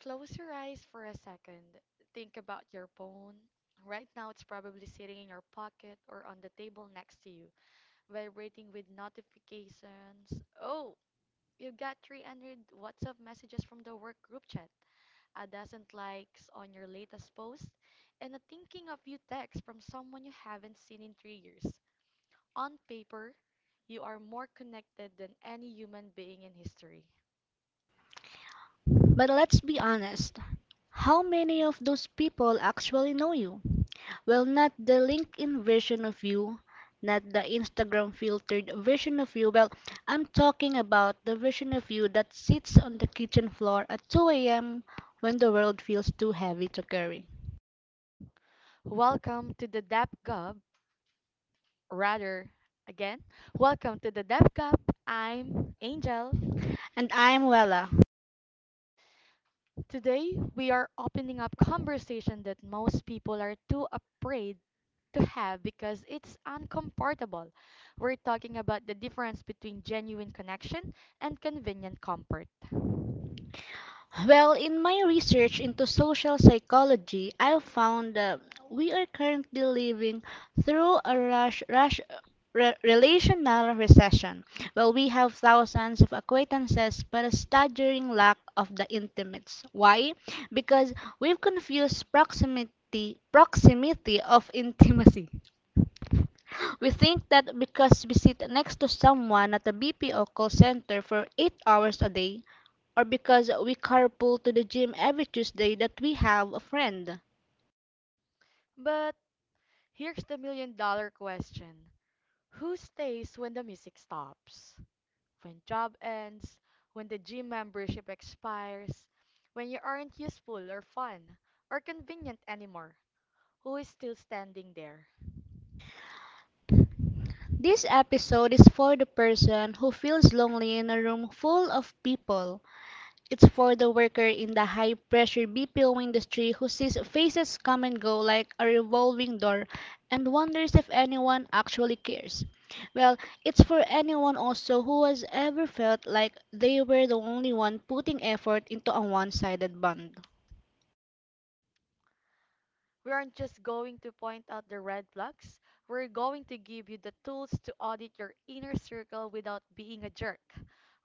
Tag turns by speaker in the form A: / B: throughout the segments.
A: Close your eyes for a second. Think about your phone. Right now, it's probably sitting in your pocket or on the table next to you, vibrating with notifications. Oh, you got 300 WhatsApp messages from the work group chat, a dozen likes on your latest post, and a thinking of you text from someone you haven't seen in 3 years. On paper, you are more connected than any human being in history.
B: But let's be honest. How many of those people actually know you? Not the LinkedIn version of you, not the Instagram filtered version of you. I'm talking about the version of you that sits on the kitchen floor at 2 a.m. when the world feels too heavy to carry.
A: Welcome to the Dap Gov, rather again. Welcome to the Dev Cup. I'm Angel.
B: And I'm Wella.
A: Today we are opening up conversation that most people are too afraid to have because it's uncomfortable. We're talking about the difference between genuine connection and convenient comfort.
B: In my research into social psychology, I found that we are currently living through a relational recession. We have thousands of acquaintances, but a staggering lack of the intimates. Why? Because we've confused proximity of intimacy. We think that because we sit next to someone at a BPO call center for 8 hours a day, or because we carpool to the gym every Tuesday, that we have a friend.
A: But here's the million-dollar question. Who stays when the music stops? When job ends, when the gym membership expires, when you aren't useful or fun or convenient anymore, who is still standing there?
B: This episode is for the person who feels lonely in a room full of people. It's for the worker in the high pressure BPO industry who sees faces come and go like a revolving door and wonders if anyone actually cares. Well, it's for anyone also who has ever felt like they were the only one putting effort into a one sided bond.
A: We aren't just going to point out the red flags, we're going to give you the tools to audit your inner circle without being a jerk.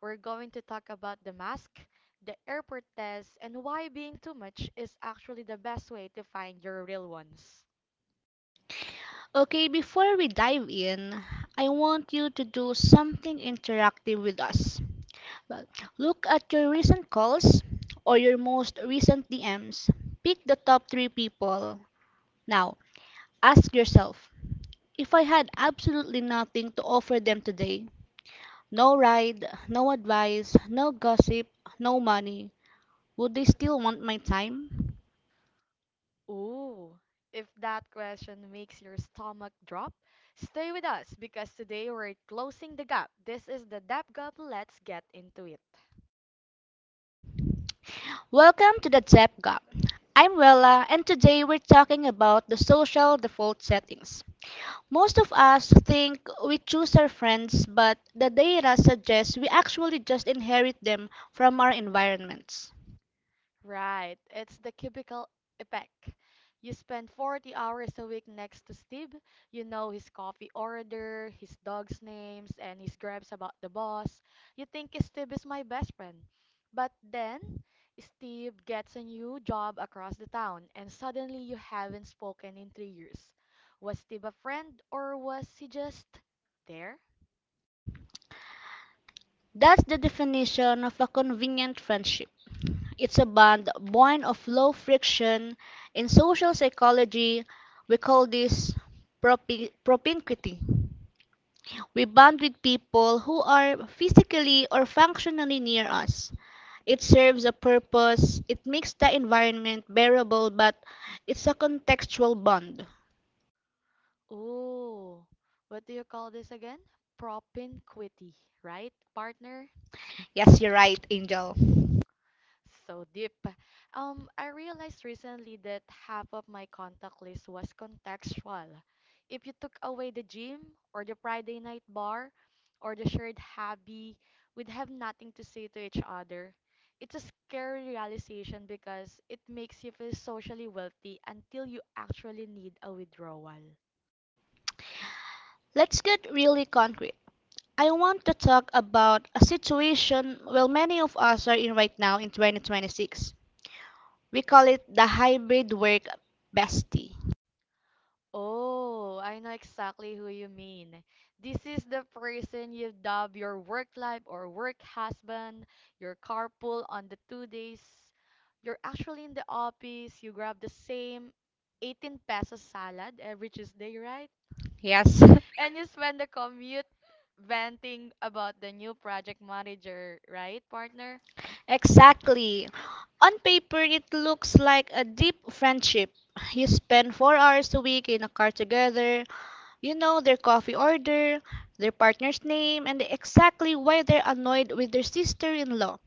A: We're going to talk about the mask, the airport test, and why being too much is actually the best way to find your real ones.
B: Okay, before we dive in, I want you to do something interactive with us. Well, Look at your recent calls or your most recent DMs. Pick the top three people. Now, ask yourself, if I had absolutely nothing to offer them today, no ride, no advice, no gossip, no money, would they still want my time?
A: Ooh, if that question makes your stomach drop, stay with us because today we're closing the gap. This is the Depth Gap. Let's get into it.
B: Welcome to the Depth Gap. I'm Wella, and today we're talking about the social default settings. Most of us think we choose our friends, but the data suggests we actually just inherit them from our environments.
A: Right, it's the cubicle effect. You spend 40 hours a week next to Steve. You know his coffee order, his dog's names, and his gripes about the boss. You think Steve is my best friend. But then, Steve gets a new job across the town, and suddenly you haven't spoken in 3 years. Was Steve a friend, or was he just there?
B: That's the definition of a convenient friendship. It's a bond born of low friction. In social psychology, we call this propinquity. We bond with people who are physically or functionally near us. It serves a purpose, it makes the environment bearable, but it's a contextual bond.
A: Ooh, what do you call this again? Propinquity, right, partner?
B: Yes, you're right, Angel.
A: So deep. I realized recently that half of my contact list was contextual. If you took away the gym or the Friday night bar or the shared hobby, we'd have nothing to say to each other. It's a scary realization because it makes you feel socially wealthy until you actually need a withdrawal.
B: Let's get really concrete. I want to talk about a situation many of us are in right now in 2026. We call it the hybrid work bestie.
A: Oh, I know exactly who you mean. This is the person you dub your work life or work husband, your carpool on the two days. You're actually in the office, you grab the same 18 pesos salad every Tuesday, right?
B: Yes,
A: And you spend the commute venting about the new project manager, right, partner?
B: exactly. On paper, it looks like a deep friendship. You spend 4 hours a week in a car together. You know their coffee order, their partner's name, and exactly why they're annoyed with their sister in law.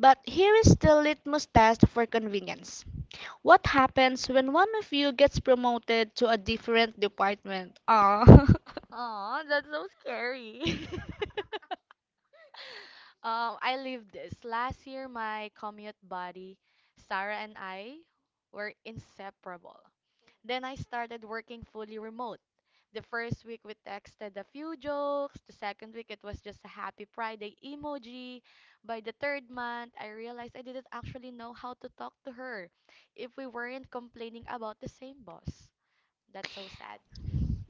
B: But here is the litmus test for convenience. What happens when one of you gets promoted to a different department? Ah.
A: Aw, that's so scary. I lived this. Last year, my commute buddy, Sarah and I were inseparable. Then I started working fully remote. The first week we texted a few jokes. The second week it was just a happy Friday emoji. By the third month, I realized I didn't actually know how to talk to her if we weren't complaining about the same boss. That's so sad.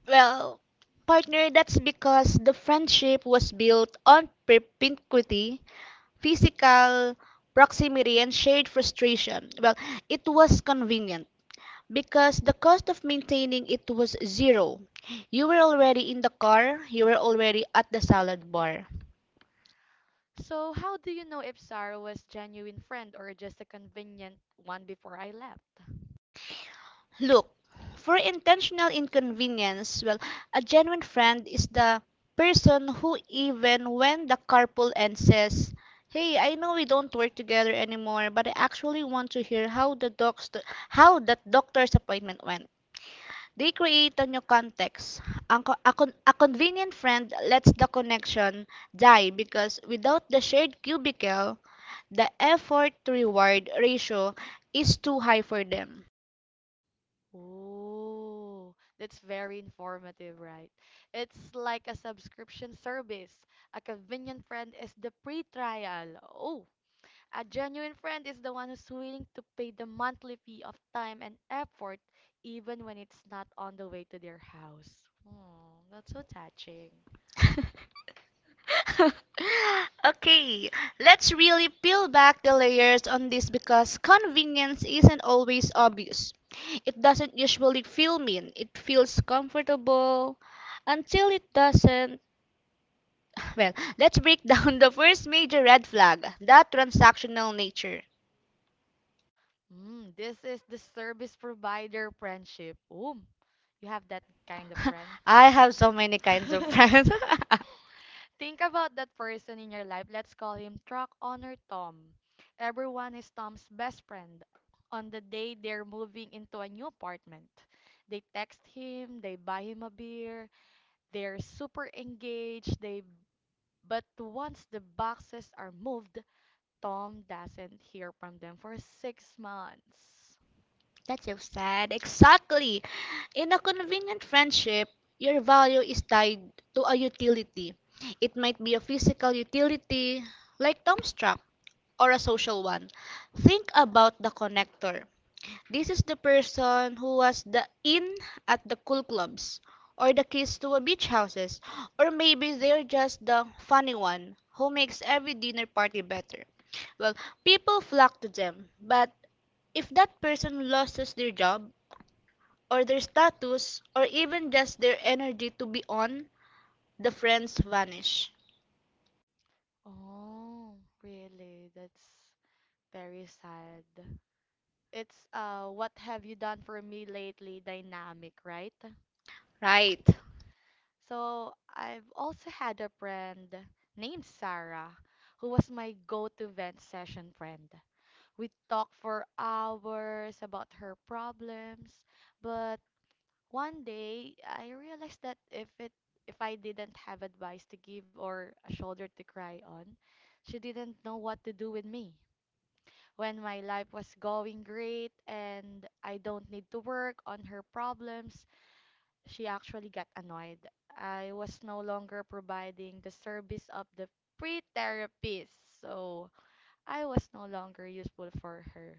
B: Well, Partner, that's because the friendship was built on perspicuity, physical proximity, and shared frustration. It was convenient, because the cost of maintaining it was zero. You were already in the car, you were already at the salad bar.
A: So, how do you know if Sarah was genuine friend or just a convenient one before I left?
B: Look, for intentional inconvenience, a genuine friend is the person who, even when the carpool ends, says, "Hey, I know we don't work together anymore, but I actually want to hear how the doc's how that doctor's appointment went." They create a new context. A convenient friend lets the connection die because without the shared cubicle, the effort to reward ratio is too high for them.
A: Oh, that's very informative, right? It's like a subscription service. A convenient friend is the free trial. Oh, a genuine friend is the one who's willing to pay the monthly fee of time and effort, even when it's not on the way to their house. Hmm, that's so touching.
B: Okay, let's really peel back the layers on this because convenience isn't always obvious. It doesn't usually feel mean, it feels comfortable until it doesn't. Well, let's break down the first major red flag, that transactional nature.
A: Mm, this is the service provider friendship. Oh, you have that kind of friend?
B: I have so many kinds of friends.
A: Think about that person in your life. Let's call him Truck Owner Tom. Everyone is Tom's best friend. On the day they're moving into a new apartment, they text him, they buy him a beer, they're super engaged, they but once the boxes are moved, Tom doesn't hear from them for 6 months.
B: That's so sad. Exactly. In a convenient friendship, your value is tied to a utility. It might be a physical utility, like Tomstruck, or a social one. Think about the connector. This is the person who was the "in" at the cool clubs, or the kiss to a beach houses, or maybe they're just the "funny one" who makes every dinner party better. Well, People flock to them, but if that person loses their job, or their status, or even just their energy to be on, the friends vanish.
A: Oh, really? That's very sad. It's what have you done for me lately dynamic, right?
B: Right.
A: So I've also had a friend named Sarah who was my go-to vent session friend. We talked for hours about her problems, but one day I realized that if I didn't have advice to give or a shoulder to cry on, she didn't know what to do with me. When my life was going great and I don't need to work on her problems, she actually got annoyed. I was no longer providing the service of the free therapist, so I was no longer useful for her.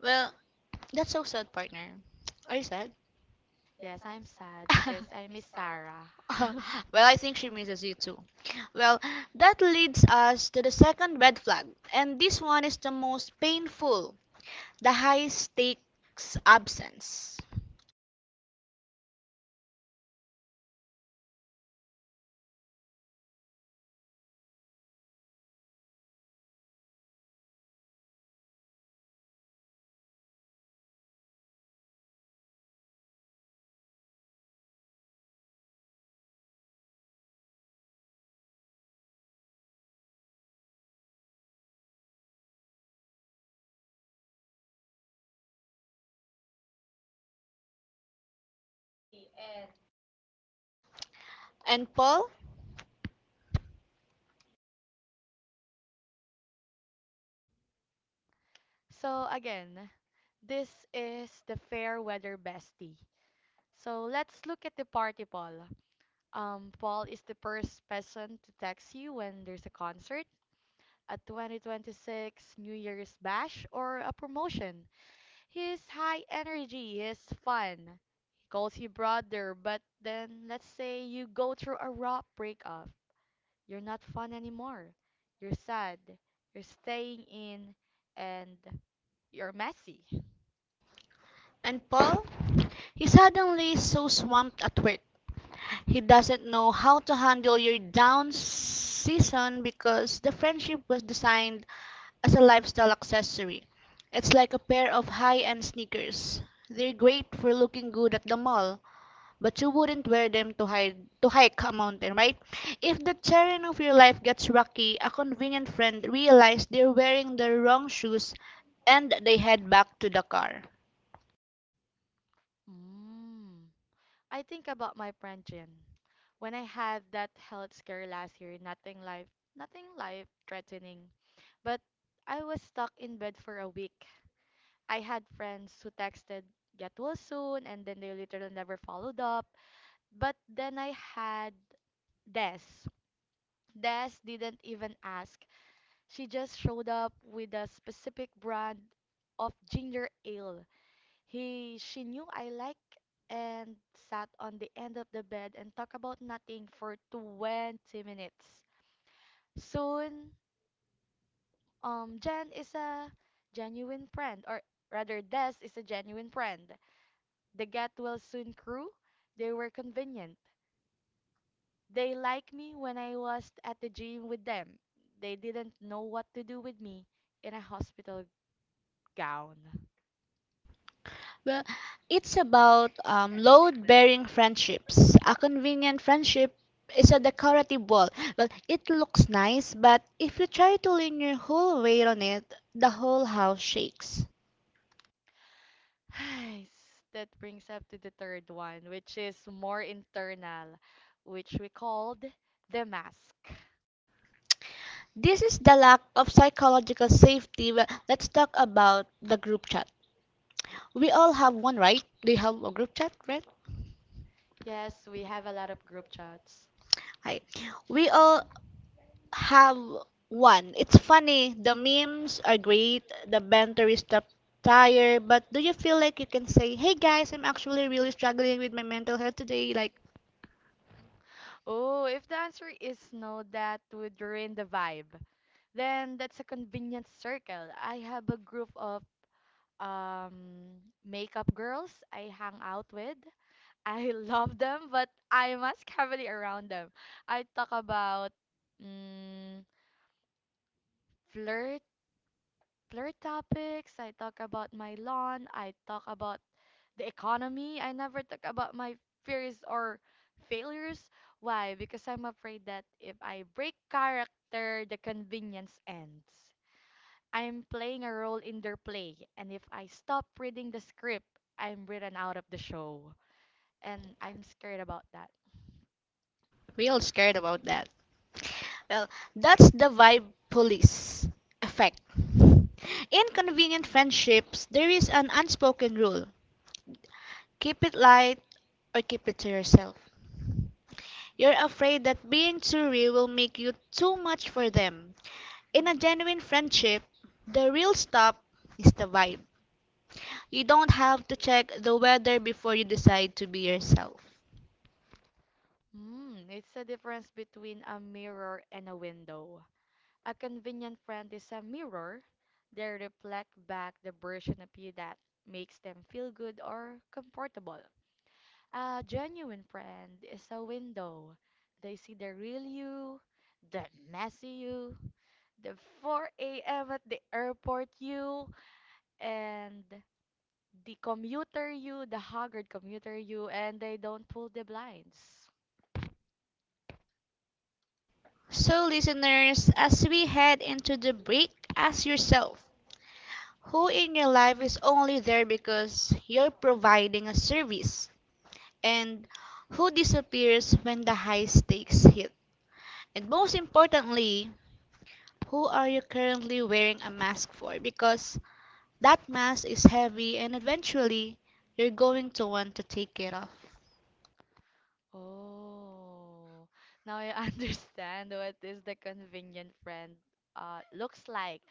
B: Well, that's so sad, partner. Are you sad?
A: Yes, I'm sad because I miss Sarah.
B: Well, I think she misses you too. Well, that leads us to the second red flag, and this one is the most painful, the high stakes absence. And Paul,
A: So again, this is the fair weather bestie. So let's look at the party Paul. Paul is the first person to text you when there's a concert, a 2026 New Year's bash, or a promotion. He's high energy, he's fun. He calls you brother, but then let's say you go through a rough breakup. You're not fun anymore. You're sad. You're staying in and you're messy.
B: and Paul, he suddenly is so swamped at work. He doesn't know how to handle your down season because the friendship was designed as a lifestyle accessory. It's like a pair of high-end sneakers. They're great for looking good at the mall, but you wouldn't wear them to hide to hike a mountain, right? If the terrain of your life gets rocky, a convenient friend realized they're wearing the wrong shoes and they head back to the car.
A: Mm. I think about my friend Jen. When I had that health scare last year, nothing life threatening, but I was stuck in bed for a week. I had friends who texted, get well soon, and then they literally never followed up. But then I had Des. Des didn't even ask. She just showed up with a specific brand of ginger ale. He she knew I liked and sat on the end of the bed and talked about nothing for 20 minutes. Soon, Jen is a genuine friend or rather Des is a genuine friend. The Get Well Soon crew, they were convenient. They liked me when I was at the gym with them. They didn't know what to do with me in a hospital gown.
B: Well, it's about load bearing friendships. A convenient friendship is a decorative wall. Well, it looks nice, but if you try to lean your whole weight on it, the whole house shakes.
A: That brings up to the third one, which is more internal, which we called the mask.
B: This is the lack of psychological safety. Well, let's talk about the group chat. We all have one, right? Do you have a group chat, right?
A: Yes, we have a lot of group chats.
B: Hi. We all have one. It's funny. The memes are great. The banter is top tier. But do you feel like you can say, "Hey guys, I'm actually really struggling with my mental health today." Like,
A: Oh, if the answer is no, that would ruin the vibe. Then that's a convenient circle. I have a group of um, makeup girls I hang out with. I love them, but I must heavily around them. I talk about mm, flirt flirt topics. I talk about my lawn. I talk about the economy. I never talk about my fears or failures. Why? Because I'm afraid that if I break character, the convenience ends. I'm playing a role in their play, and if I stop reading the script, I'm written out of the show. And I'm scared about that.
B: we all scared about that. Well, that's the vibe police effect. In convenient friendships, there is an unspoken rule: keep it light or keep it to yourself. You're afraid that being too real will make you too much for them. In a genuine friendship, the real stuff is the vibe. You don't have to check the weather before you decide to be yourself.
A: Hmm, it's a difference between a mirror and a window. A convenient friend is a mirror. They reflect back the version of you that makes them feel good or comfortable. A genuine friend is a window. They see the real you, the messy you, the 4 a.m. at the airport you, and the commuter you, the haggard commuter you, and they don't pull the blinds.
B: So, listeners, as we head into the break, ask yourself who in your life is only there because you're providing a service, and who disappears when the high stakes hit. And most importantly, who are you currently wearing a mask for? Because that mass is heavy, and eventually you're going to want to take it off.
A: Oh, now I understand what is the convenient friend looks like.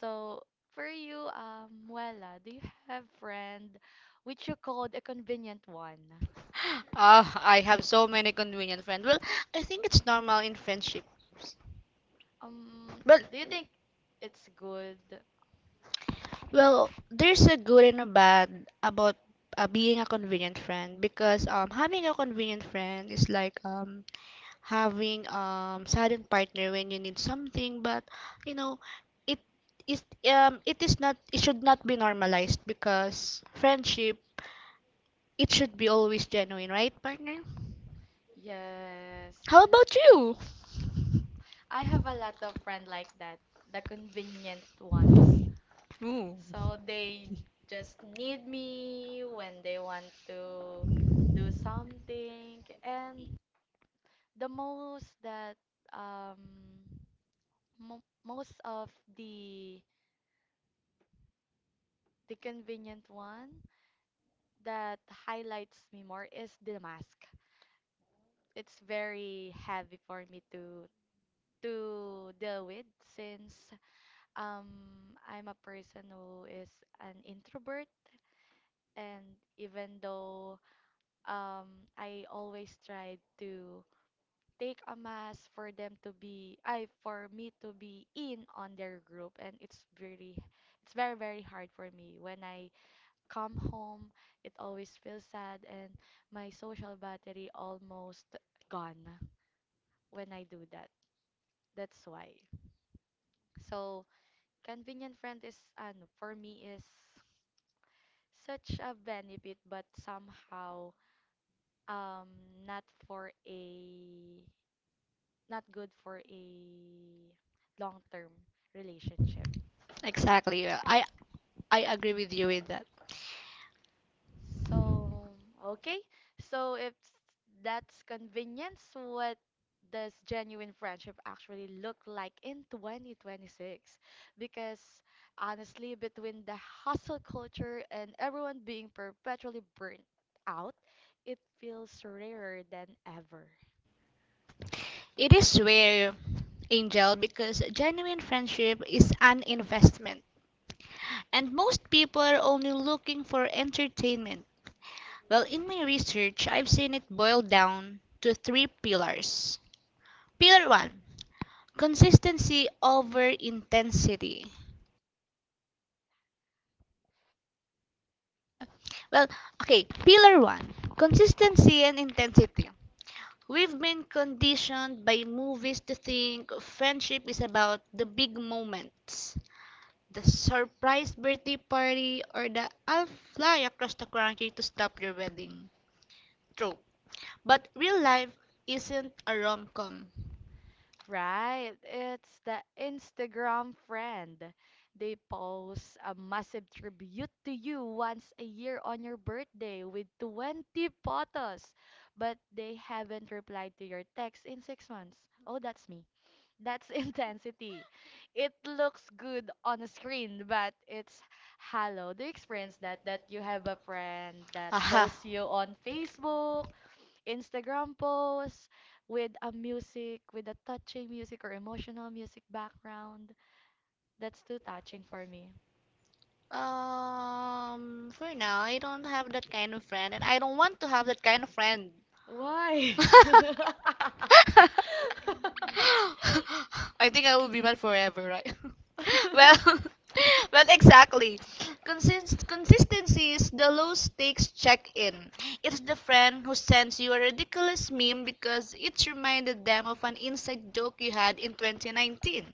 A: So for you, Wella, do you have friend which you called a convenient one?
B: Ah, I have so many convenient friends. I think it's normal in friendships.
A: Um,
B: Well,
A: do you think it's good?
B: there's a good and a bad about being a convenient friend, because having a convenient friend is like having silent partner when you need something, but you know it it should not be normalized, because friendship it should be always genuine, right, partner?
A: Yes.
B: How about you?
A: I have a lot of friend like that, the convenient ones.
B: Ooh.
A: So
B: So they
A: they just need me when they want to do something. And the most that um mo most of the the convenient one that highlights me more is the mask. It's very heavy for me to deal with since um I'm a person who is an introvert and even though I always tried to take a mask for them to be, I for me to be in on their group, and it's very hard for me. When I come home, it always feels sad, and my social battery almost gone when I do that. That's why. So convenient friend is, ano, for me is such a benefit, but somehow um not for a not good for a long-term relationship.
B: exactly. Yeah, I agree with you with that.
A: So, okay. So if that's convenience, what does genuine friendship actually look like in 2026? Because honestly, between the hustle culture and everyone being perpetually burnt out, it feels rarer than ever.
B: It is rare, Angel, because genuine friendship is an investment, and most people are only looking for entertainment. In my research, I've seen it boiled down to three pillars. Pillar one, consistency over intensity. Well, okay, Pillar one, consistency and intensity. We've been conditioned by movies to think friendship is about the big moments, the surprise birthday party, or the "I'll fly across the country to stop your wedding" trope. But real life isn't a rom com.
A: Right, it's the Instagram friend. They post a massive tribute to you once a year on your birthday with 20 photos, but they haven't replied to your text in 6 months. Oh, that's me. That's intensity. It looks good on a screen, but it's hollow. Do you experience that? That you have a friend that
B: Aha.
A: posts
B: Friends you
A: you
B: on
A: on
B: Facebook.
A: Facebook, Instagram posts with a music, with a touching music or emotional music background. That's too touching for me.
B: For now, I don't have that kind of friend, and I don't want to have that kind of friend.
A: Why?
B: I think I will be mad forever, right? well, exactly. Consist- consistency is the low stakes check in. It's the friend who sends you a ridiculous meme because it reminded them of an inside joke you had in 2019.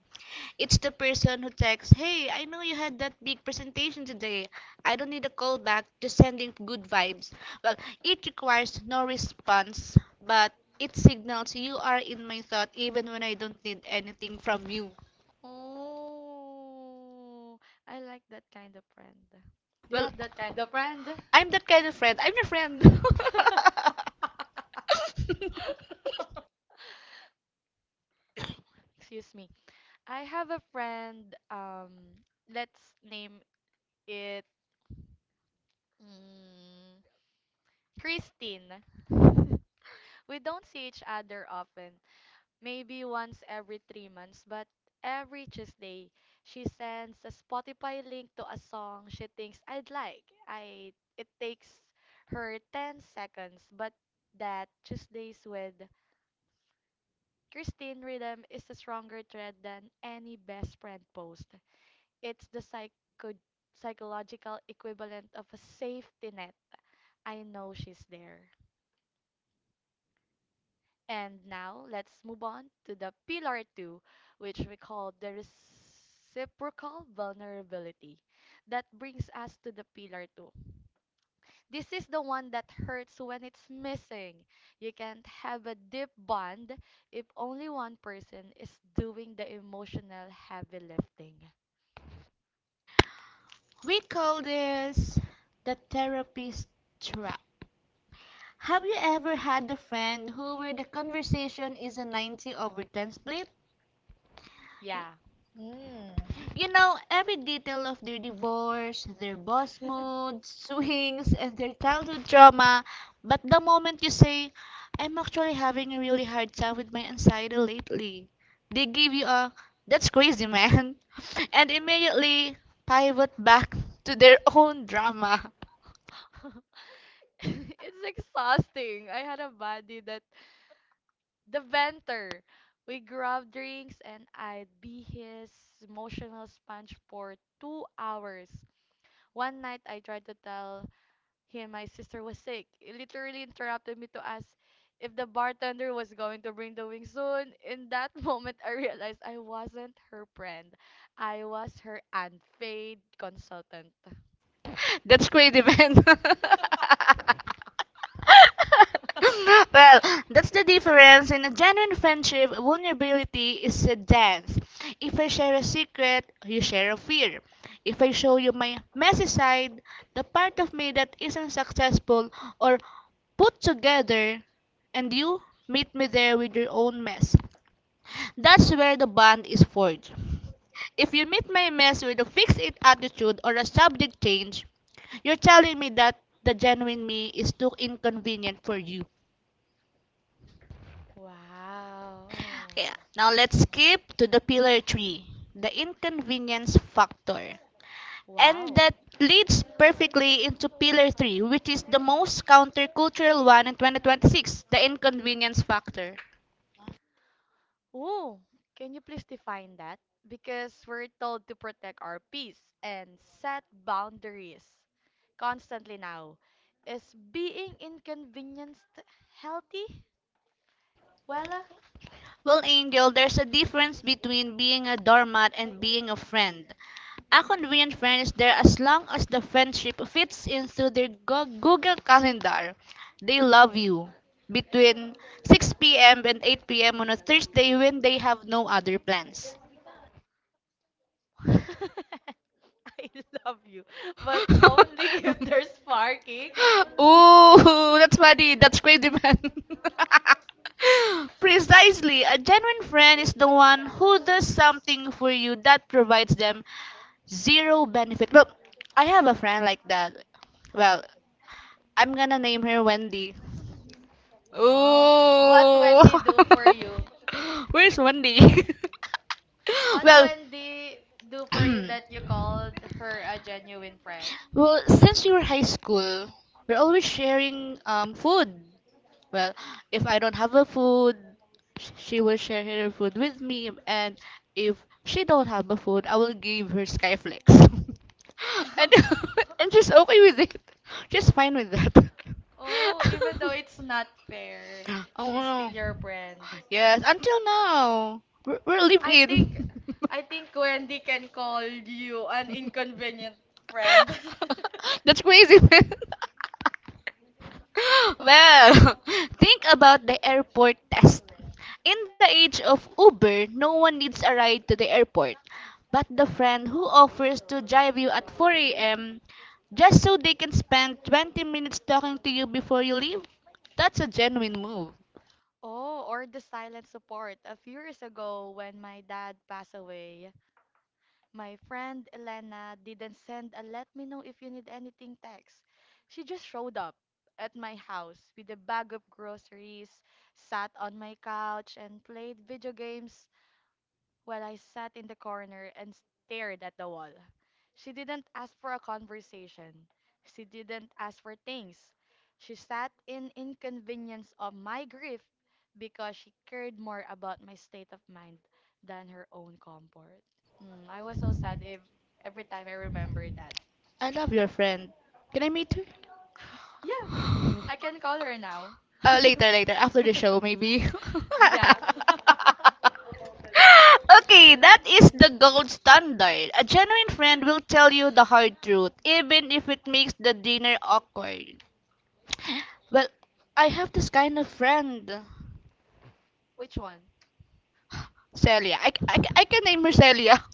B: It's the person who texts, "Hey, I know you had that big presentation today. I don't need a call back, just sending good vibes." Well, it requires no response, but it signals you are in my thought even when I don't need anything from you.
A: Oh, I like that kind of friend. Do you
B: Well,
A: have that kind of friend?
B: I'm that kind of friend. I'm your friend.
A: Excuse me. I have a friend, let's name it. mm, Christine. We don't see each other often, maybe once every 3 months, but every Tuesday, she sends a Spotify link to a song she thinks I'd like. I it takes her 10 seconds, but that Tuesdays with Christine Rhythm is a stronger thread than any best friend post. It's the psychological equivalent of a safety net. I know she's there. And now let's move on to the pillar two, which we call the reciprocal vulnerability. That brings us to the pillar two. This is the one that hurts when it's missing. You can't have a deep bond if only one person is doing the emotional heavy lifting.
B: We call this the therapist trap. Have you ever had a friend who where the conversation is a 90 over 10 split?
A: Yeah.
B: You know, every detail of their divorce, their boss moods, swings, and their childhood trauma. But the moment you say, "I'm actually having a really hard time with my anxiety lately," they give you a, "that's crazy, man," and immediately pivot back to their own drama.
A: It's exhausting. I had a buddy that the venter. We grab drinks and I'd be his emotional sponge for 2 hours. One night I tried to tell him my sister was sick. He literally interrupted me to ask if the bartender was going to bring the wings soon. In that moment I realized I wasn't her friend. I was her unpaid consultant.
B: That's crazy, man. Well, that's the difference. In a genuine friendship, vulnerability is a dance. If I share a secret, you share a fear. If I show you my messy side, the part of me that isn't successful or put together, and you meet me there with your own mess, that's where the bond is forged. If you meet my mess with a fix it attitude or a subject change, you're telling me that the genuine me is too inconvenient for you.
A: Wow.
B: Okay, now let's skip to the pillar three, the inconvenience factor. And
A: Wow.
B: that leads perfectly into pillar three, which is the most countercultural one in 2026, the inconvenience factor.
A: Oh, can you please define that? Because we're told to protect our peace and set boundaries constantly now. Is being inconvenienced healthy? Well,
B: Well, Angel, there's a difference between being a doormat and being a friend. A convenient friend is there as long as the friendship fits into their Google Calendar. They love you between 6 p.m. and 8 p.m. on a Thursday when they have no other plans.
A: I love you, but only if there's parking.
B: Ooh, that's funny. That's crazy, man. Precisely. A genuine friend is the one who does something for you that provides them zero benefit. Well, I have a friend like that. Well, I'm gonna name her Wendy.
A: Wow. What
B: Ooh.
A: Wendy do for you?
B: Where's Wendy?
A: What
B: Well,
A: Wendy do for you that you called her a genuine friend?
B: Well, since we were high school, we're always sharing food. Well, if I don't have a food, she will share her food with me, and if she don't have a food, I will give her Skyflex. and and she's okay with it. She's fine with that.
A: Oh, even though it's not fair,
B: Oh,
A: she's
B: no.
A: still your friend.
B: Yes, until now. We're
A: I think
B: living.
A: I think Wendy can call you an inconvenient friend.
B: That's crazy, man. Well, think about the airport test. In the age of Uber, no one needs a ride to the airport. But the friend who offers to drive you at 4 a.m. just so they can spend 20 minutes talking to you before you leave, that's a genuine move.
A: Oh, or the silent support. A few years ago, when my dad passed away, my friend Elena didn't send a let me know if you need anything text. She just showed up at my house with a bag of groceries, sat on my couch, and played video games while I sat in the corner and stared at the wall. She didn't ask for a conversation. She didn't ask for things. She sat in inconvenience of my grief because she cared more about my state of mind than her own comfort. Mm, I was so sad if every time I remember that.
B: I love your friend. Can I meet her?
A: Yeah, I can call her now.
B: Later, later. After the show, maybe.
A: Yeah.
B: Okay, that is the gold standard. A genuine friend will tell you the hard truth, even if it makes the dinner awkward. Well, I have this kind of friend.
A: Which one?
B: Celia. I can name her Celia.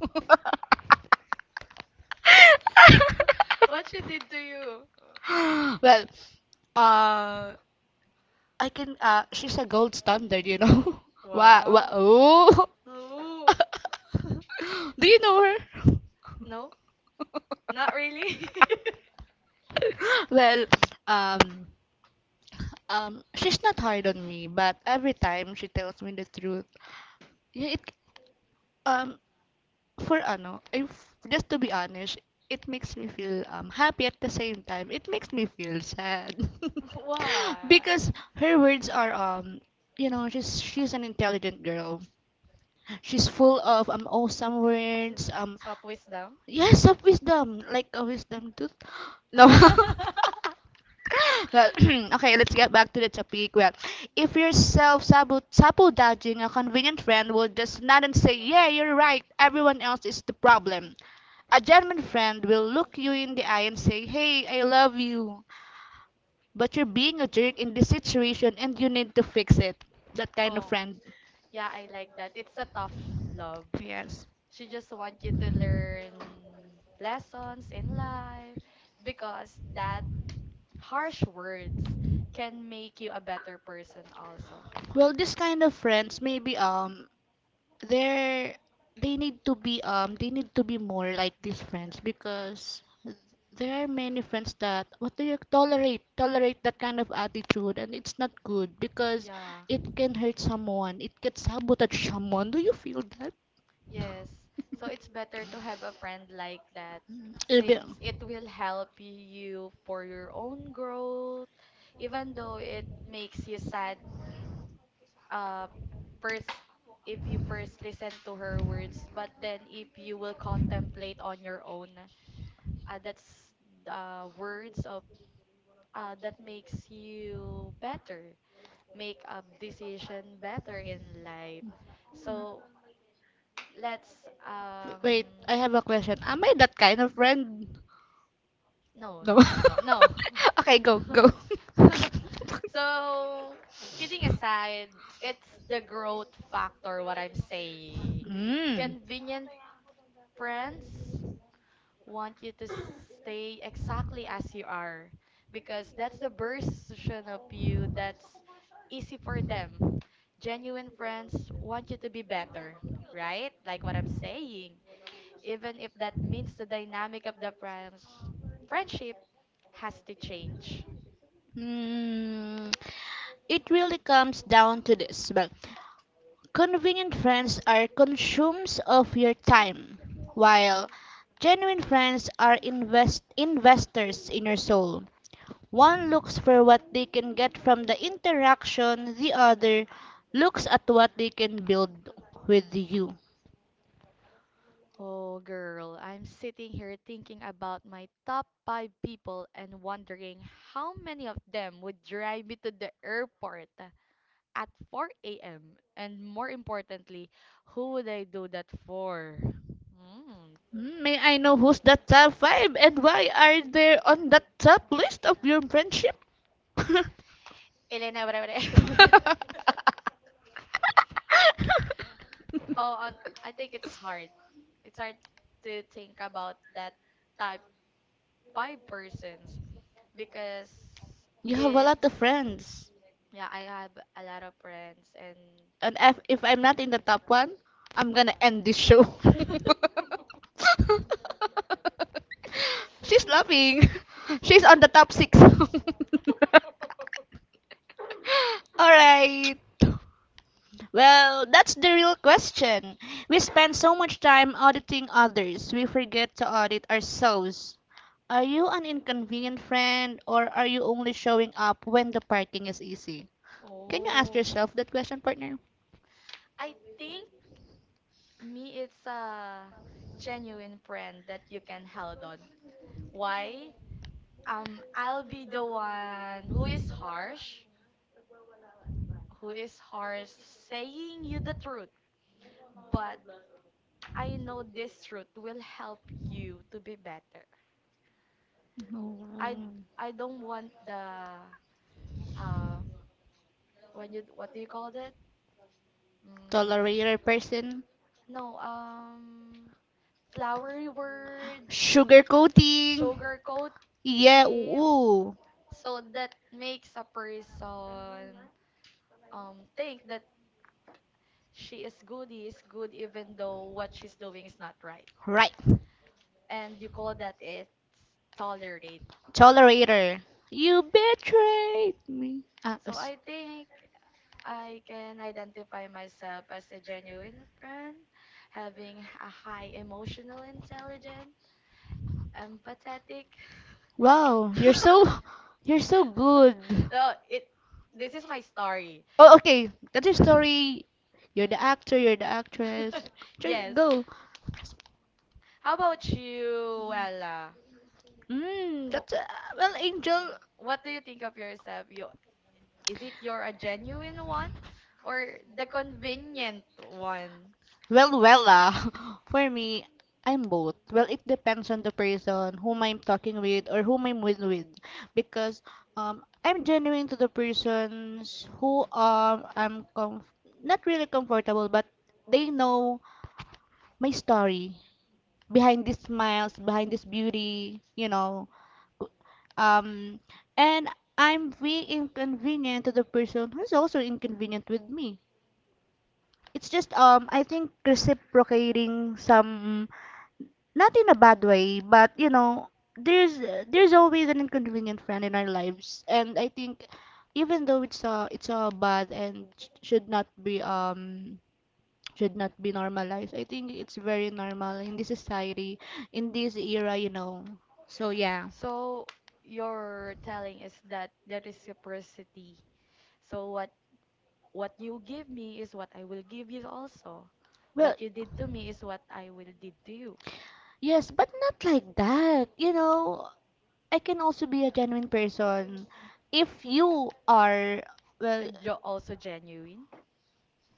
A: What she did to you?
B: Well, uh, I can she's a gold standard, you know. Wow, wow.
A: Wow.
B: Oh.
A: Ooh.
B: Do you know her?
A: No, not really.
B: Well, um she's not hard on me, but every time she tells me the truth, yeah, it um for ano, if just to be honest, it makes me feel happy at the same time. It makes me feel sad.
A: Why?
B: Because her words are she's an intelligent girl. She's full of awesome words.
A: Soft wisdom.
B: Yes, of wisdom, like a wisdom tooth. No. Well, Okay, let's get back to the topic. Well, if you're self-sabotaging, a convenient friend will just nod and say, "Yeah, you're right. Everyone else is the problem." A genuine friend will look you in the eye and say, "Hey, I love you, but you're being a jerk in this situation, and you need to fix it." That kind of
A: Oh,
B: friend.
A: yeah, I like that. It's a tough love.
B: Yes.
A: She just wants you to learn lessons in life because that harsh words can make you a better person also.
B: Well, this kind of friends maybe they're they need to be more like these friends, because there are many friends that what do you tolerate that kind of attitude, and it's not good because
A: Yeah,
B: it can hurt someone. It can sabotage someone. Do you feel that?
A: yes. So it's better to have a friend like that
B: Mm. even
A: since it will help you for your own growth, even though it makes you sad uh first if you first listen to her words, but then if you will contemplate on your own, that's the words of that makes you better, make a decision better in life. So let's.
B: Wait, I have a question. Am I that kind of friend?
A: no
B: No.
A: no no no no
B: Okay, go, go.
A: So, kidding aside, it's the growth factor, what I'm saying.
B: Mm.
A: Convenient friends want you to stay exactly as you are because that's the version of you that's easy for them. Genuine friends want you to be better, right, like what I'm saying, even if that means the dynamic of the friendship has to change.
B: Mm, it really comes down to this. Well, convenient friends are consumes of your time, while genuine friends are investors in your soul. One looks for what they can get from the interaction, the other looks at what they can build with you.
A: Oh, girl, I'm sitting here thinking about my top five people and wondering how many of them would drive me to the airport at 4 a.m. And more importantly, who would I do that for? Hmm.
B: Mm, may I know who's the top five and why are they on the top list of your friendship?
A: Elena, wala, oh, on, I think it's hard. It's hard to think about that type five persons because
B: You have a lot of
A: it's
B: friends.
A: yeah, I have a lot of friends and
B: And if I'm not in the top one, I'm gonna end this show. She's laughing. She's on the top six. All right. Well, that's the real question. We spend so much time auditing others, we forget to audit ourselves. Are you an inconvenient friend, or are you only showing up when the parking is easy? Can you ask yourself that question, partner?
A: I think me it's a genuine friend that you can hold on. Why? I'll be the one who is harsh, who is harsh saying you the truth, but I know this truth will help you to be better. I d-
B: Mm,
A: I don't want the um when you what do you call that? Mm,
B: tolerator person?
A: no, flowery words,
B: Sugarcoating? Yeah,
A: sugarcoating.
B: ooh.
A: So that makes a person think that she is good, he is good, even though what she's doing is not right.
B: Right.
A: And you call that it's tolerating.
B: Tolerator. You betrayed me.
A: So I think I can identify myself as a genuine friend, having a high emotional intelligence empathetic.
B: Wow, you're so you're so good.
A: No, it. This is my story.
B: Oh, okay. That's your story. You're the actor. You're the actress. Sure,
A: Yes.
B: go.
A: How about you, Ella?
B: Mm,
A: Wh-
B: that's well, Angel.
A: What do you think of yourself? You is it you're a genuine one or the convenient one?
B: Well. For me, I'm both. Well, it depends on the person whom I'm talking with or whom I'm with, because I'm genuine to the persons who I'm comf not really comfortable, but they know my story behind these smiles, behind this beauty. Um, and I'm being inconvenient to the person who's also inconvenient with me. It's just I think reciprocating some, not in a bad way, but there's there's always an inconvenient friend in our lives, and I think even though it's bad and should not be normalized, I think it's very normal in this society, in this era. So, yeah.
A: So you're telling is that there is reciprocity. So what you give me is what I will give you also. What
B: Well,
A: you did to me is what I will did to you.
B: yes, but not like that. You know, I can also be a genuine person if you are,
A: Uh,
B: well,
A: also genuine.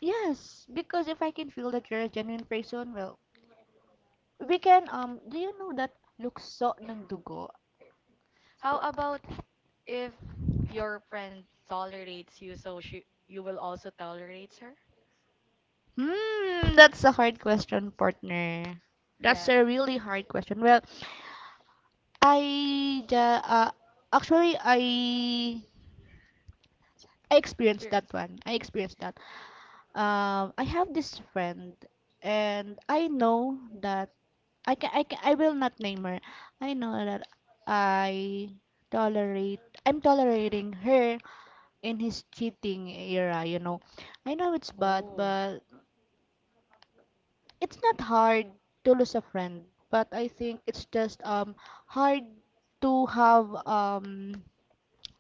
B: yes, because if I can feel that you're a genuine person, well, we can, do you know that lukso ng dugo?
A: How about if your friend tolerates you, so she you will also tolerate her?
B: Hmm, that's a hard question, partner. That's
A: Yeah.
B: a really hard question. Well, I, ja- uh, actually, I experienced that
A: Experience.
B: one. I experienced that. I have this friend, and I know that I will not name her. I know that I I'm tolerating her in his cheating era. I know it's bad,
A: Oh,
B: but it's not hard to lose a friend. But I think it's just hard to have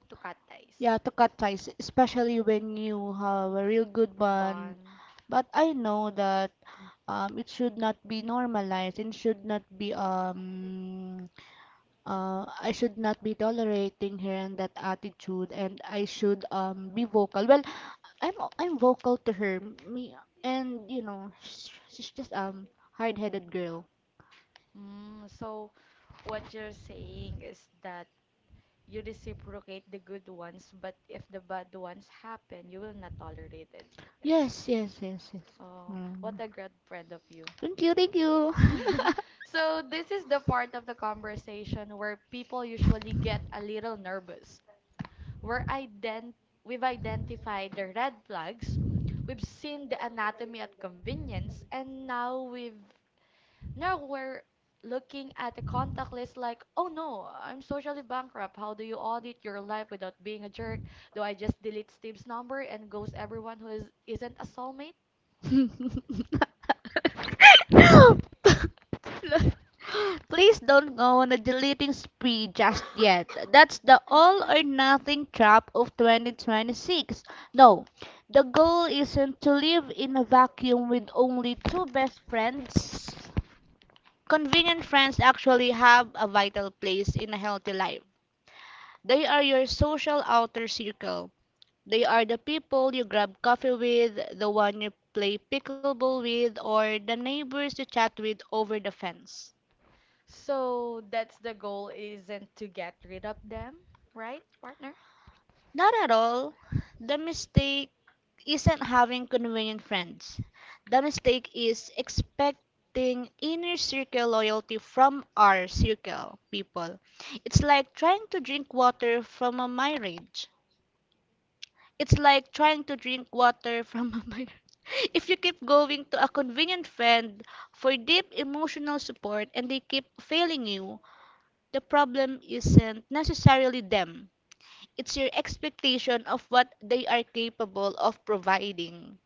A: to cut ties.
B: yeah, to cut ties, especially when you have a real good bond.
A: Bond.
B: But I know that it should not be normalized and should not be I should not be tolerating her and that attitude, and I should be vocal. Well, I'm I'm vocal to her, me, and she's just hard-headed girl.
A: Mm, so what you're saying is that you reciprocate the good ones, but if the bad ones happen, you will not tolerate it.
B: Yes, yes, yes, yes.
A: Oh, what
B: Mm.
A: a great friend of you.
B: Thank you, thank you.
A: So, this is the part of the conversation where people usually get a little nervous. Where ident We've identified the red flags, we've seen the anatomy at convenience, and now we're looking at the contact list like, oh no, I'm socially bankrupt. How do you audit your life without being a jerk? Do I just delete Steve's number and ghost everyone who isn't a soulmate?
B: Please don't go on a deleting spree just yet. That's the all or nothing trap of 2026. No, the goal isn't to live in a vacuum with only two best friends. Convenient friends actually have a vital place in a healthy life. They are your social outer circle. They are the people you grab coffee with, the one you play pickleball with, or the neighbors you chat with over the fence.
A: So that's the goal isn't to get rid of them, right, partner?
B: Not at all. The mistake isn't having convenient friends. The mistake is expecting inner circle loyalty from our circle people. It's like trying to drink water from a mirage. It's like trying to drink water from a mineral. If you keep going to a convenient friend for deep emotional support and they keep failing you, the problem isn't necessarily them. It's your expectation of what they are capable of providing.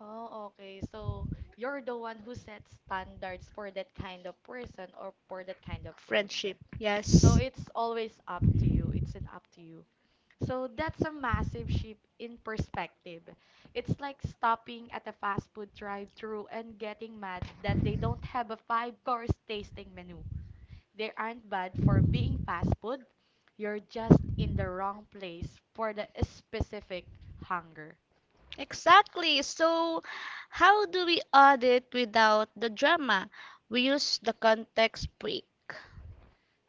A: Oh, okay. So you're the one who sets standards for that kind of person or for that kind of friend.
B: Friendship,
A: So
B: yes.
A: it's always up to you. It's an up to you. So that's a massive shift in perspective. It's like stopping at a fast food drive-through and getting mad that they don't have a five-course tasting menu. They aren't bad for being fast food. You're just in the wrong place for the specific hunger.
B: Exactly. So, how do we audit without the drama? We use the context break.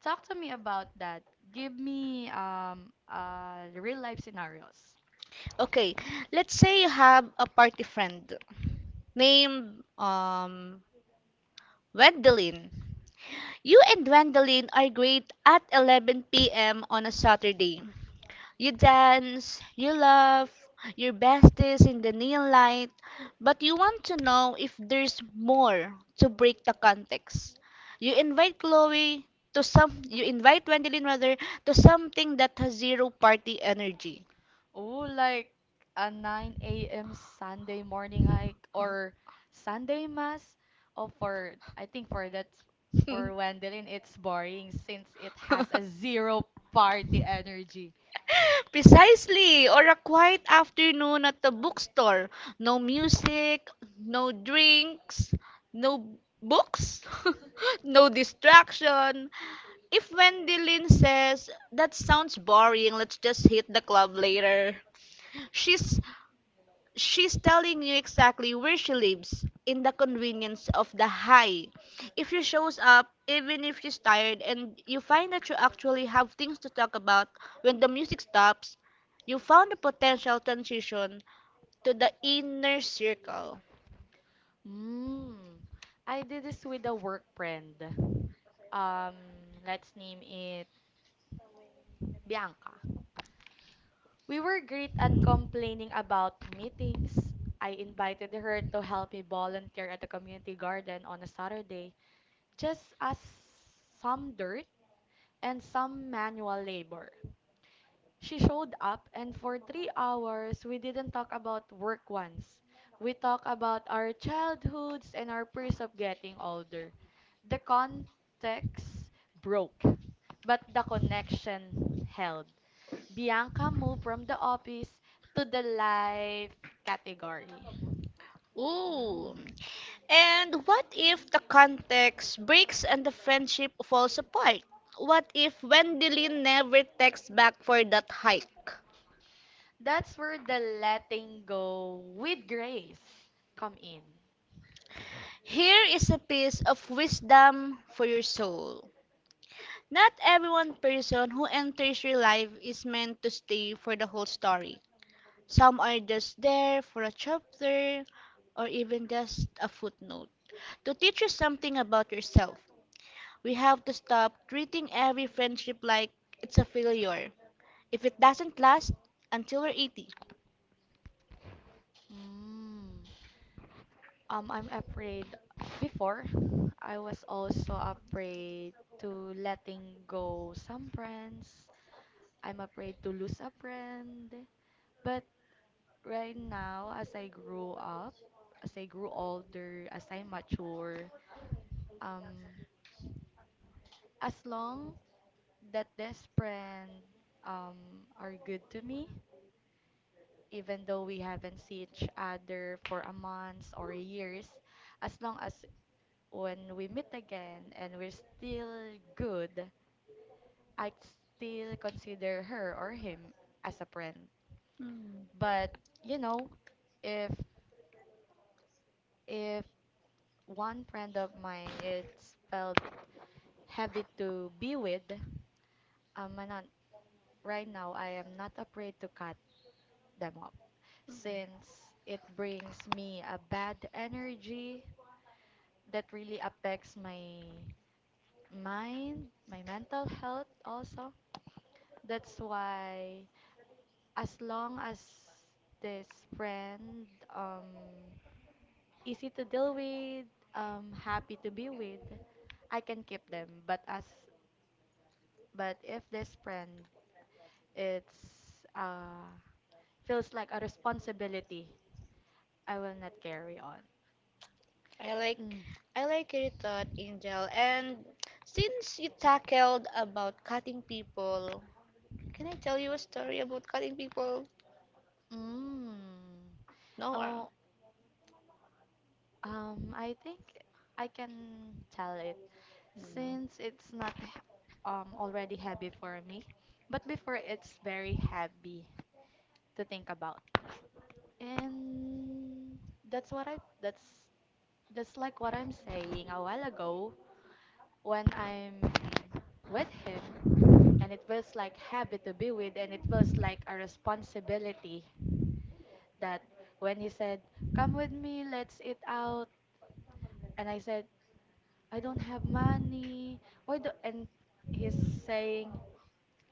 A: Talk to me about that. Give me real life scenarios.
B: Okay, let's say you have a party friend named Wendelin. You and Wendelin are great at 11 p.m. on a Saturday. You dance, you laugh, your besties in the neon light, but you want to know if there's more, to break the context. You invite Chloe you invite Wendelin rather to something that has zero party energy.
A: Oh, like a 9 a.m. Sunday morning hike or Sunday mass. Oh, for I think for that for Wendelin it's boring since it has a zero party energy.
B: Precisely, or a quiet afternoon at the bookstore. No music, no drinks, no books, no distraction. If Wendy Lynn says, "That sounds boring, let's just hit the club later," she's She's telling you exactly where she lives, in the convenience of the high. If she shows up, even if she's tired, and you find that you actually have things to talk about when the music stops, you found a potential transition to the inner circle.
A: Mm. I did this with a work friend. Um, let's name it Bianca. We were great at complaining about meetings. I invited her to help me volunteer at the community garden on a Saturday, just as some dirt and some manual labor. She showed up, and for 3 hours, we didn't talk about work once. We talked about our childhoods and our fears of getting older. The context broke, but the connection held. Bianca moved from the office to the life category.
B: Ooh.
A: Mm.
B: And what if the context breaks and the friendship falls apart? What if Wendelin never texts back for that hike?
A: That's where the letting go with grace come in.
B: Here is a piece of wisdom for your soul. Not every one person who enters your life is meant to stay for the whole story. Some are just there for a chapter, or even just a footnote. To teach you something about yourself, we have to stop treating every friendship like it's a failure if it doesn't last until we're 80.
A: Mm. I'm afraid before I was also afraid to letting go some friends. I'm afraid to lose a friend. But right now, as I grow up, as I grew older, as I mature, um, as long that this friend are good to me, even though we haven't seen each other for a month or years, as long as when we meet again and we're still good, I still consider her or him as a friend. But you know, if if one friend of mine it's felt heavy to be with, um, I'm not, right now I am not afraid to cut them off since it brings me a bad energy that really affects my mind, my mental health also. That's why as long as this friend um easy to deal with, happy to be with, I can keep them. But if this friend it's feels like a responsibility, I will not carry on.
B: I like
A: Mm.
B: I like your thought, Angel. And since you tackled about cutting people, can I tell you a story about cutting people?
A: Mm.
B: No.
A: Oh, um, I think I can tell it since it's not h- already heavy for me, but before it's very heavy to think about. And that's what I that's like what I'm saying a while ago, when I'm with him and it feels like heavy to be with and it feels like a responsibility, that when he said, "Come with me, let's eat out." And I said, I don't have money. Why do and he's saying,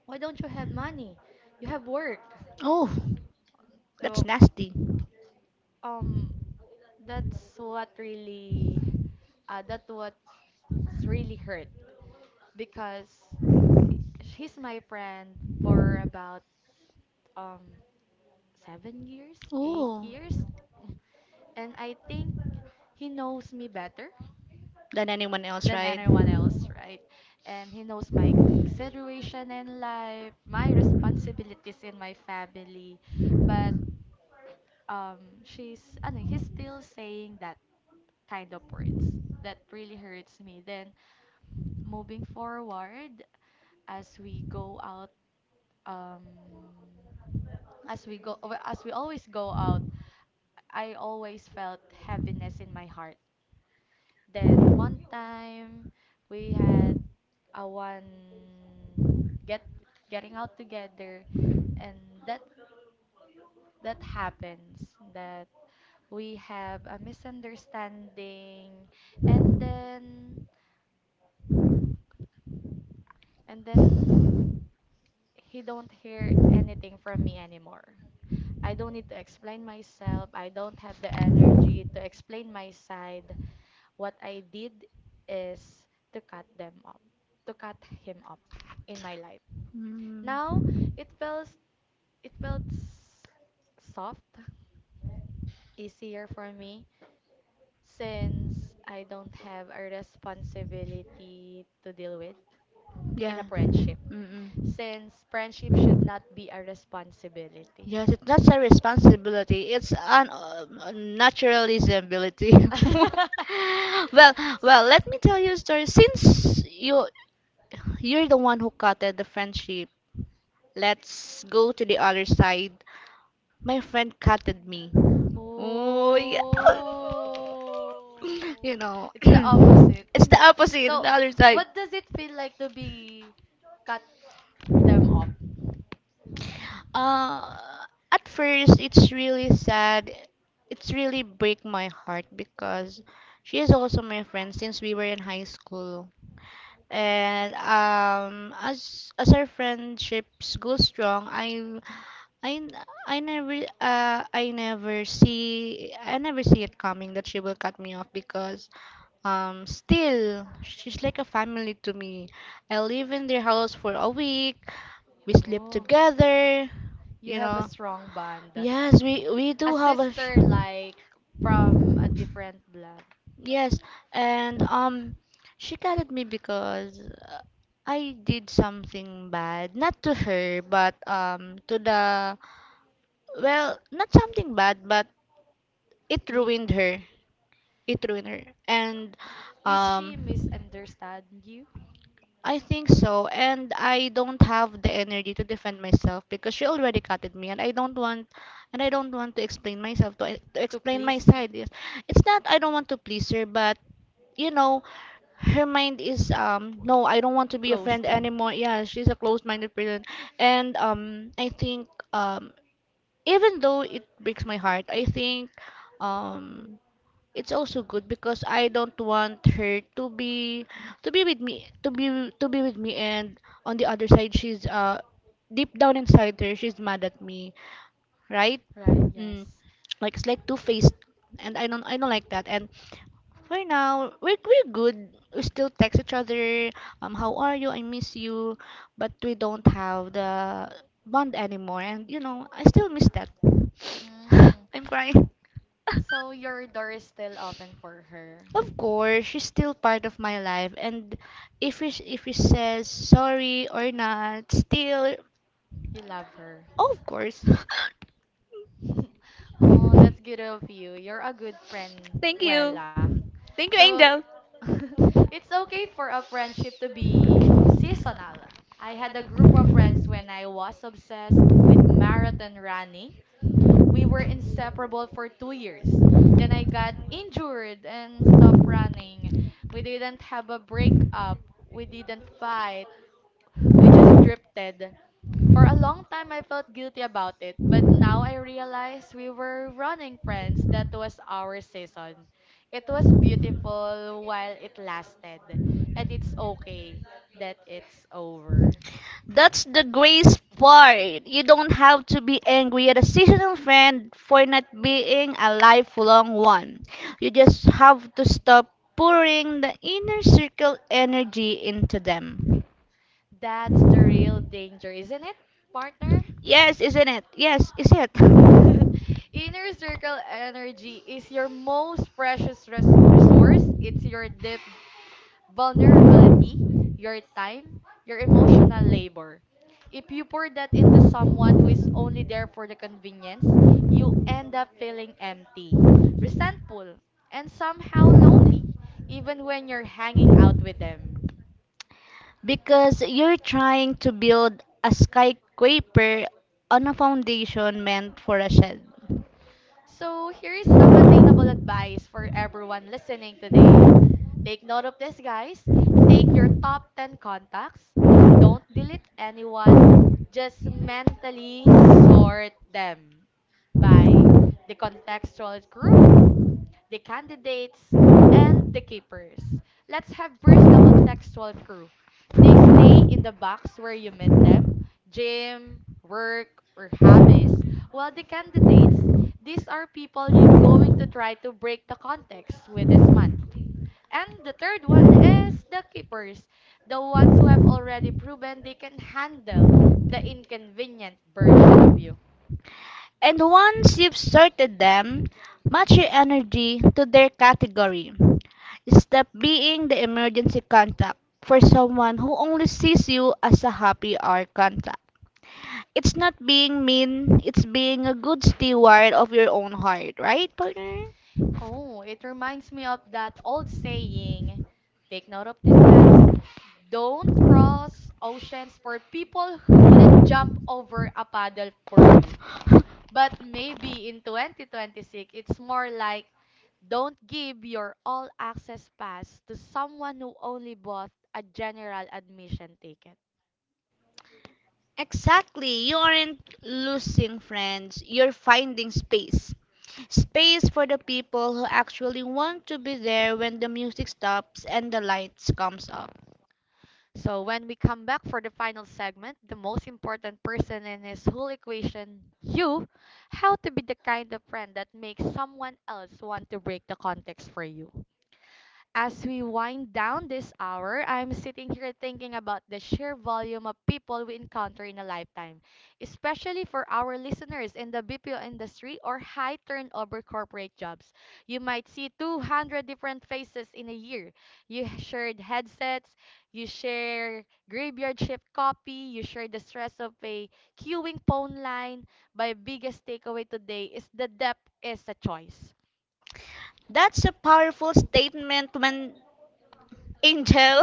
A: why don't you have money? You have work.
B: Oh, that's
A: So
B: nasty.
A: um that's what really that what's really hurt because he's my friend for about um 7 years, eight
B: Oh.
A: years, and I think he knows me better
B: Than anyone else,
A: than
B: right?
A: anyone else, right? And he knows my situation in life, my responsibilities in my family. But he's still saying that kind of words that really hurts me. Then moving forward, as we go out, um, as we go, as we always go out, I always felt heaviness in my heart. Then one time we had a one get getting out together, and that that happens that we have a misunderstanding, and then he don't hear anything from me anymore. I don't need to explain myself. I don't have the energy to explain my side. What I did is to cut them up, to cut him up in my life.
B: Mm.
A: Now it felt it felt s- soft, easier for me since I don't have a responsibility to deal with in a
B: Yeah.
A: friendship.
B: Mm-mm.
A: Since friendship should not be a responsibility.
B: Yes, it's not a responsibility. It's an naturalizability. well, well,
A: So—
B: let me tell you a story. Since you're the one who cutted the friendship, let's go to the other side. My friend cutted me. Oh, yeah. You
A: Oh,
B: know,
A: it's the opposite.
B: it's the opposite,
A: So,
B: the other side.
A: what does it feel like to be cut them off?
B: Uh, at first, it's really sad. It's really break my heart because she is also my friend since we were in high school. And as our friendships go strong, I n- I never I never see it coming that she will cut me off, because still she's like a family to me. I live in their house for a week. We sleep
A: Oh,
B: together,
A: you
B: you
A: have a
B: know.
A: strong bond.
B: Yes, we
A: A
B: do have a
A: sister like from a different blood.
B: yes, and she gutted me because I did something bad. Not to her, but to the, well, not something bad, but it
A: He,
B: ruined her. It ruined her. And
A: is she
B: um
A: misunderstand you
B: I think so. And I don't have the energy to defend myself because she already cutted me and I don't want, and I don't want to explain myself to
A: to
B: explain my
A: please y-
B: side. Yes. It's not I don't want to please her, but you know, her mind is, no, I don't want to be a friend
A: closed?
B: anymore. Yeah, she's a closed-minded person. And I think, um even though it breaks my heart, I think um it's also good because I don't want her to be, to be with me to be with me, and on the other side she's deep down inside her she's mad at me, right.
A: Right,
B: Mm.
A: yes.
B: Like it's like two-faced, and I don't like that, and for now we're good, we still text each other. How are you? I miss you. But we don't have the bond anymore, and you know I still miss that.
A: Hmm.
B: I'm crying.
A: So your door is still open for her.
B: Of course, she's still part of my life, and if he says sorry or not, still,
A: You love her.
B: of course.
A: Oh, that's good of you. You're a good friend,
B: Thank you.
A: Wella.
B: Thank you,
A: So
B: Angel.
A: it's okay for a friendship to be seasonal. I had a group of friends when I was obsessed with marathon running. We were inseparable for 2 years. Then I got injured and stopped running. We didn't have a breakup. We didn't fight. We just drifted. For a long time, I felt guilty about it, but now I realize we were running friends. That was our season. It was beautiful while it lasted, and it's okay that it's over.
B: That's the grace part. You don't have to be angry at a seasonal friend for not being a lifelong one. You just have to stop pouring the inner circle energy into them.
A: That's the real danger, isn't it, partner?
B: Yes, isn't it? Yes, is it?
A: Inner circle energy is your most precious resource. It's your deep vulnerability, your time, your emotional labor. If you pour that into someone who is only there for the convenience, you end up feeling empty, resentful, and somehow lonely, even when you're hanging out with them.
B: Because you're trying to build a skyscraper on a foundation meant for a shed.
A: So, here is some attainable advice for everyone listening today. Take note of this, guys. Take your top 10 contacts. Don't delete anyone. Just mentally sort them by the contextual crew, the candidates, and the keepers. Let's have first the contextual crew. They stay in the box where you met them, gym, work, or hobbies. While the candidates, these are people you're going to try to break the context with this month. And the third one is the keepers, the ones who have already proven they can handle the inconvenient version of you.
B: And once you've sorted them, match your energy to their category. Stop being the emergency contact for someone who only sees you as a happy hour contact. It's not being mean, it's being a good steward of your own heart, right, partner?
A: Oh, it reminds me of that old saying. Take note of this, guys. Don't cross oceans for people who wouldn't jump over a paddle for you. But maybe in 2026, it's more like don't give your all access pass to someone who only bought a general admission ticket.
B: Exactly. You aren't losing friends, you're finding space. Space for the people who actually want to be there when the music stops and the lights comes up.
A: So when we come back for the final segment, the most important person in this whole equation, you, how to be the kind of friend that makes someone else want to break the context for you. As we wind down this hour, I'm sitting here thinking about the sheer volume of people we encounter in a lifetime, especially for our listeners in the BPO industry or high turnover corporate jobs. You might see 200 different faces in a year. Shared headsets, you share graveyard shift copy, you share the stress of a queuing phone line. My biggest takeaway today is the depth is a choice.
B: That's a powerful statement when Angel.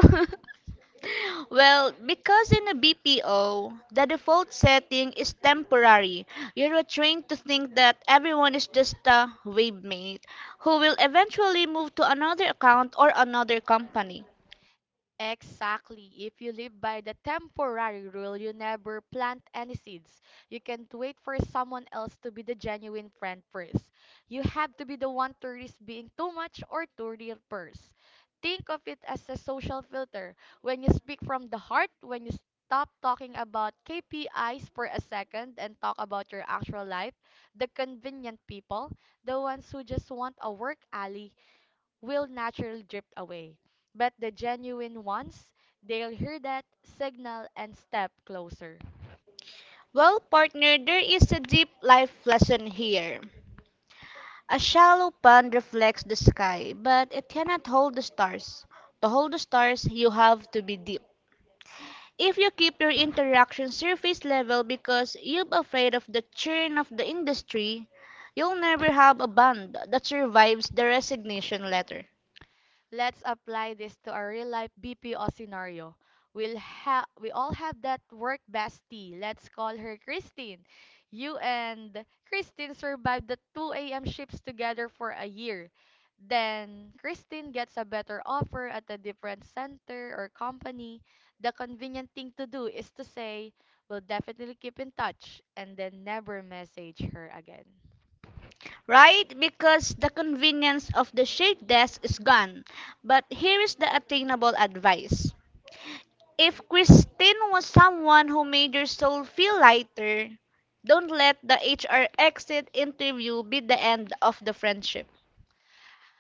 B: Well, because in a BPO, the default setting is temporary. You're trained to think that everyone is just a wave mate who will eventually move to another account or another company.
A: Exactly. If you live by the temporary rule, you never plant any seeds. You can't wait for someone else to be the genuine friend first. You have to be the one to risk being too much or too real first. Think of it as a social filter. When you speak from the heart, when you stop talking about KPIs for a second and talk about your actual life, the convenient people, the ones who just want a work alley will naturally drift away. But the genuine ones, they'll hear that signal and step closer.
B: Well, partner, there is a deep life lesson here. A shallow pond reflects the sky, but it cannot hold the stars. To hold the stars, you have to be deep. If you keep your interaction surface level because you're afraid of the churn of the industry, you'll never have a bond that survives the resignation letter.
A: Let's apply this to our real life BPO scenario. We all have that work bestie. Let's call her Christine. You and Christine survived the 2 a.m. shifts together for a year. Then Christine gets a better offer at a different center or company. The convenient thing to do is to say, we'll definitely keep in touch and then never message her again.
B: Right? Because the convenience of the shared desk is gone. But here is the attainable advice. If Christine was someone who made your soul feel lighter, don't let the HR exit interview be the end of the friendship.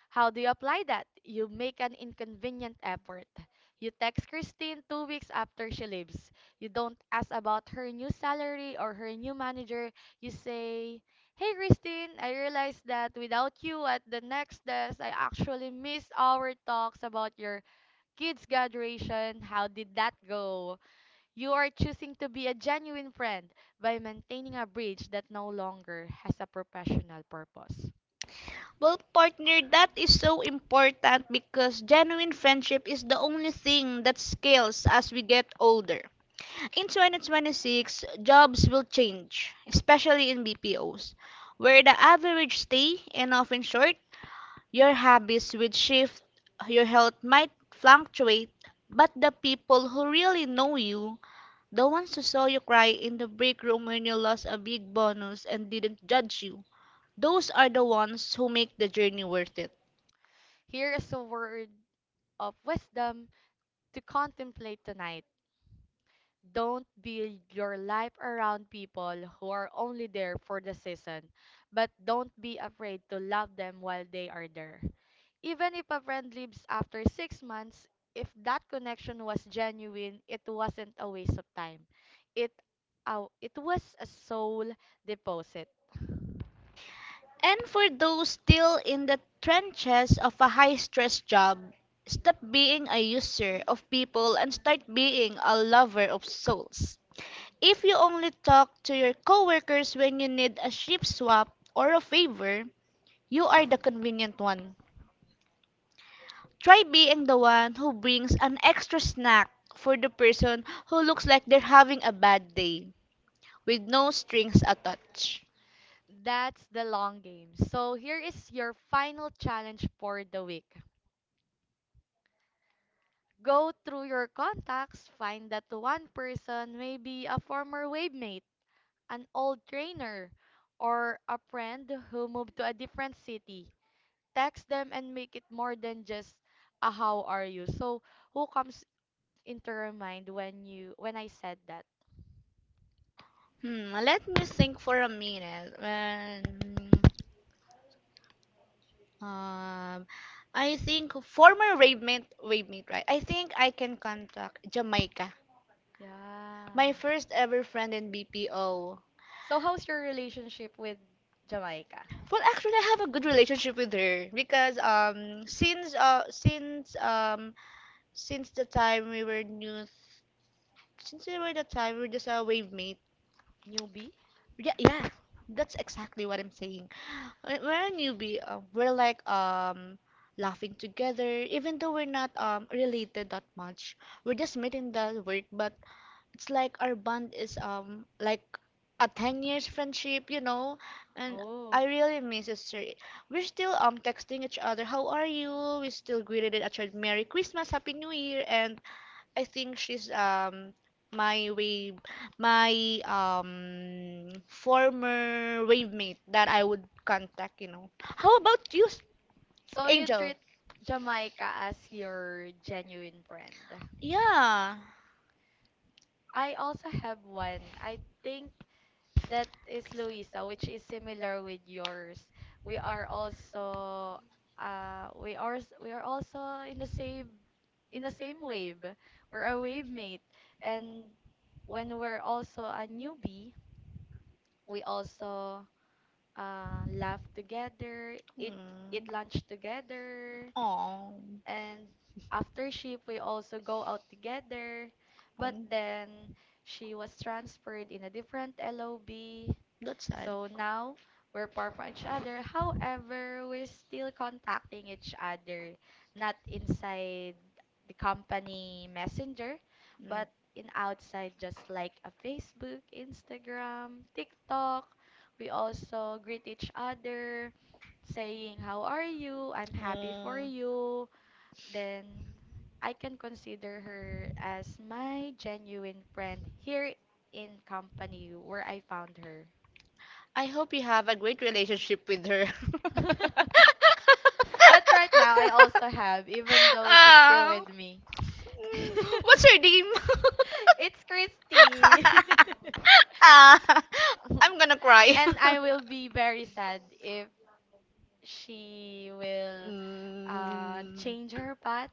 A: How do you apply that? You make an inconvenient effort. You text Christine 2 weeks after she leaves. You don't ask about her new salary or her new manager. You say, Hey Christine, I realized that without you at the next desk, I actually missed our talks about your kids' graduation. How did that go? You are choosing to be a genuine friend by maintaining a bridge that no longer has a professional purpose.
B: Well, partner, that is so important because genuine friendship is the only thing that scales as we get older. In 2026, jobs will change, especially in BPOs, where the average stay and often short, your habits would shift, your health might fluctuate, but the people who really know you, the ones who saw you cry in the break room when you lost a big bonus and didn't judge you, those are the ones who make the journey worth it.
A: Here is a word of wisdom to contemplate tonight. Don't build your life around people who are only there for the season, but don't be afraid to love them while they are there. Even if a friend leaves after 6 months, if that connection was genuine, it wasn't a waste of time. It, it was a soul deposit.
B: And for those still in the trenches of a high stress job, stop being a user of people and start being a lover of souls. If you only talk to your coworkers when you need a shift swap or a favor, you are the convenient one. Try being the one who brings an extra snack for the person who looks like they're having a bad day, with no strings attached.
A: That's the long game. So here is your final challenge for the week. Go through your contacts, find that one person may be a former wave mate, an old trainer, or a friend who moved to a different city. Text them and make it more than just a how are you. So, who comes into your mind when I said that?
B: Hmm, let me think for a minute. Um, I think former rave mate, right? I think I can contact Jamaica,
A: Yeah.
B: my first ever friend in BPO.
A: So, how's your relationship with Jamaica?
B: Well, actually, I have a good relationship with her because since since since the time we were new, since we were the time we were just a wave mate.
A: Newbie?
B: Yeah, that's exactly what I'm saying. When we're a newbie. We're like laughing together, even though we're not related that much. We're just meeting the work, but it's like our bond is like a 10 years friendship, you know. And
A: Oh.
B: I really miss it, sir. We're still texting each other. How are you? We still greeted each other. Merry Christmas, Happy New Year, and I think she's my wave, my former wave mate that I would contact, you know. How about you,
A: So you
B: Angel?
A: treat Jamaica as your genuine brand.
B: Yeah.
A: I also have one. I think that is Luisa, which is similar with yours. We are also we are also in the same in the same wave. We're a wave mate. And when we're also a newbie, we also laugh together,
B: Mm.
A: eat lunch together,
B: Oh,
A: and after shift we also go out together, but then she was transferred in a different LOB.
B: that's sad.
A: So
B: Do.
A: now we're far from each other, however we're still contacting each other, not inside the company messenger,
B: Mm.
A: but in outside, just like a Facebook, Instagram, TikTok. We also greet each other, saying how are you, I'm happy for
B: Mm.
A: you. Then I can consider her as my genuine friend here in company where I found her.
B: I hope you have a great relationship with her. But.
A: But right now, I also have, even though she's still
B: Ah.
A: with me.
B: What's her name?
A: It's Christy.
B: Ah, I'm gonna cry.
A: And I will be very sad if she will,
B: Mm,
A: change her path.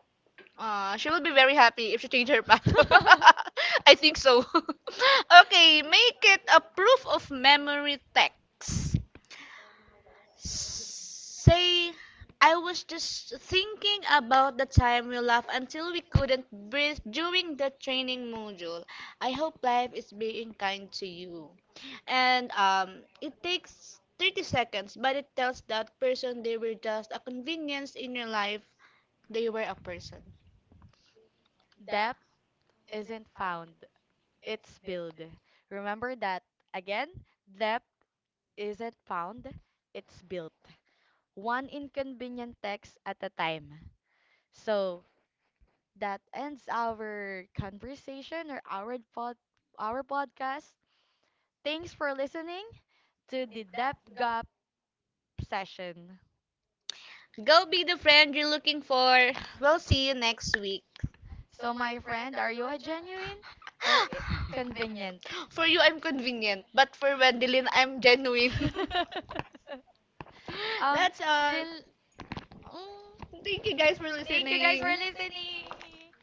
B: she will be very happy if she change her path. I think so. Okay, make it a proof of memory text. Say, I was just thinking about the time we laughed until we couldn't breathe during the training module. I hope life is being kind to you. And it takes 30 seconds, but it tells that person they were just a convenience in your life. They were a person.
A: Depth isn't found, it's built. Remember that. Again, depth isn't found, it's built. One inconvenient text at a time. So that ends our conversation or our pod, our podcast. Thanks for listening to the Depth Gap session.
B: Go be the friend you're looking for. We'll see you next week.
A: So, my friend, are you a genuine or convenient?
B: For you, I'm convenient, but for Wendelin, I'm genuine.
A: um,
B: That's all.
A: still. Mm.
B: Thank you guys for
A: Thank you guys
B: listening.
A: for listening.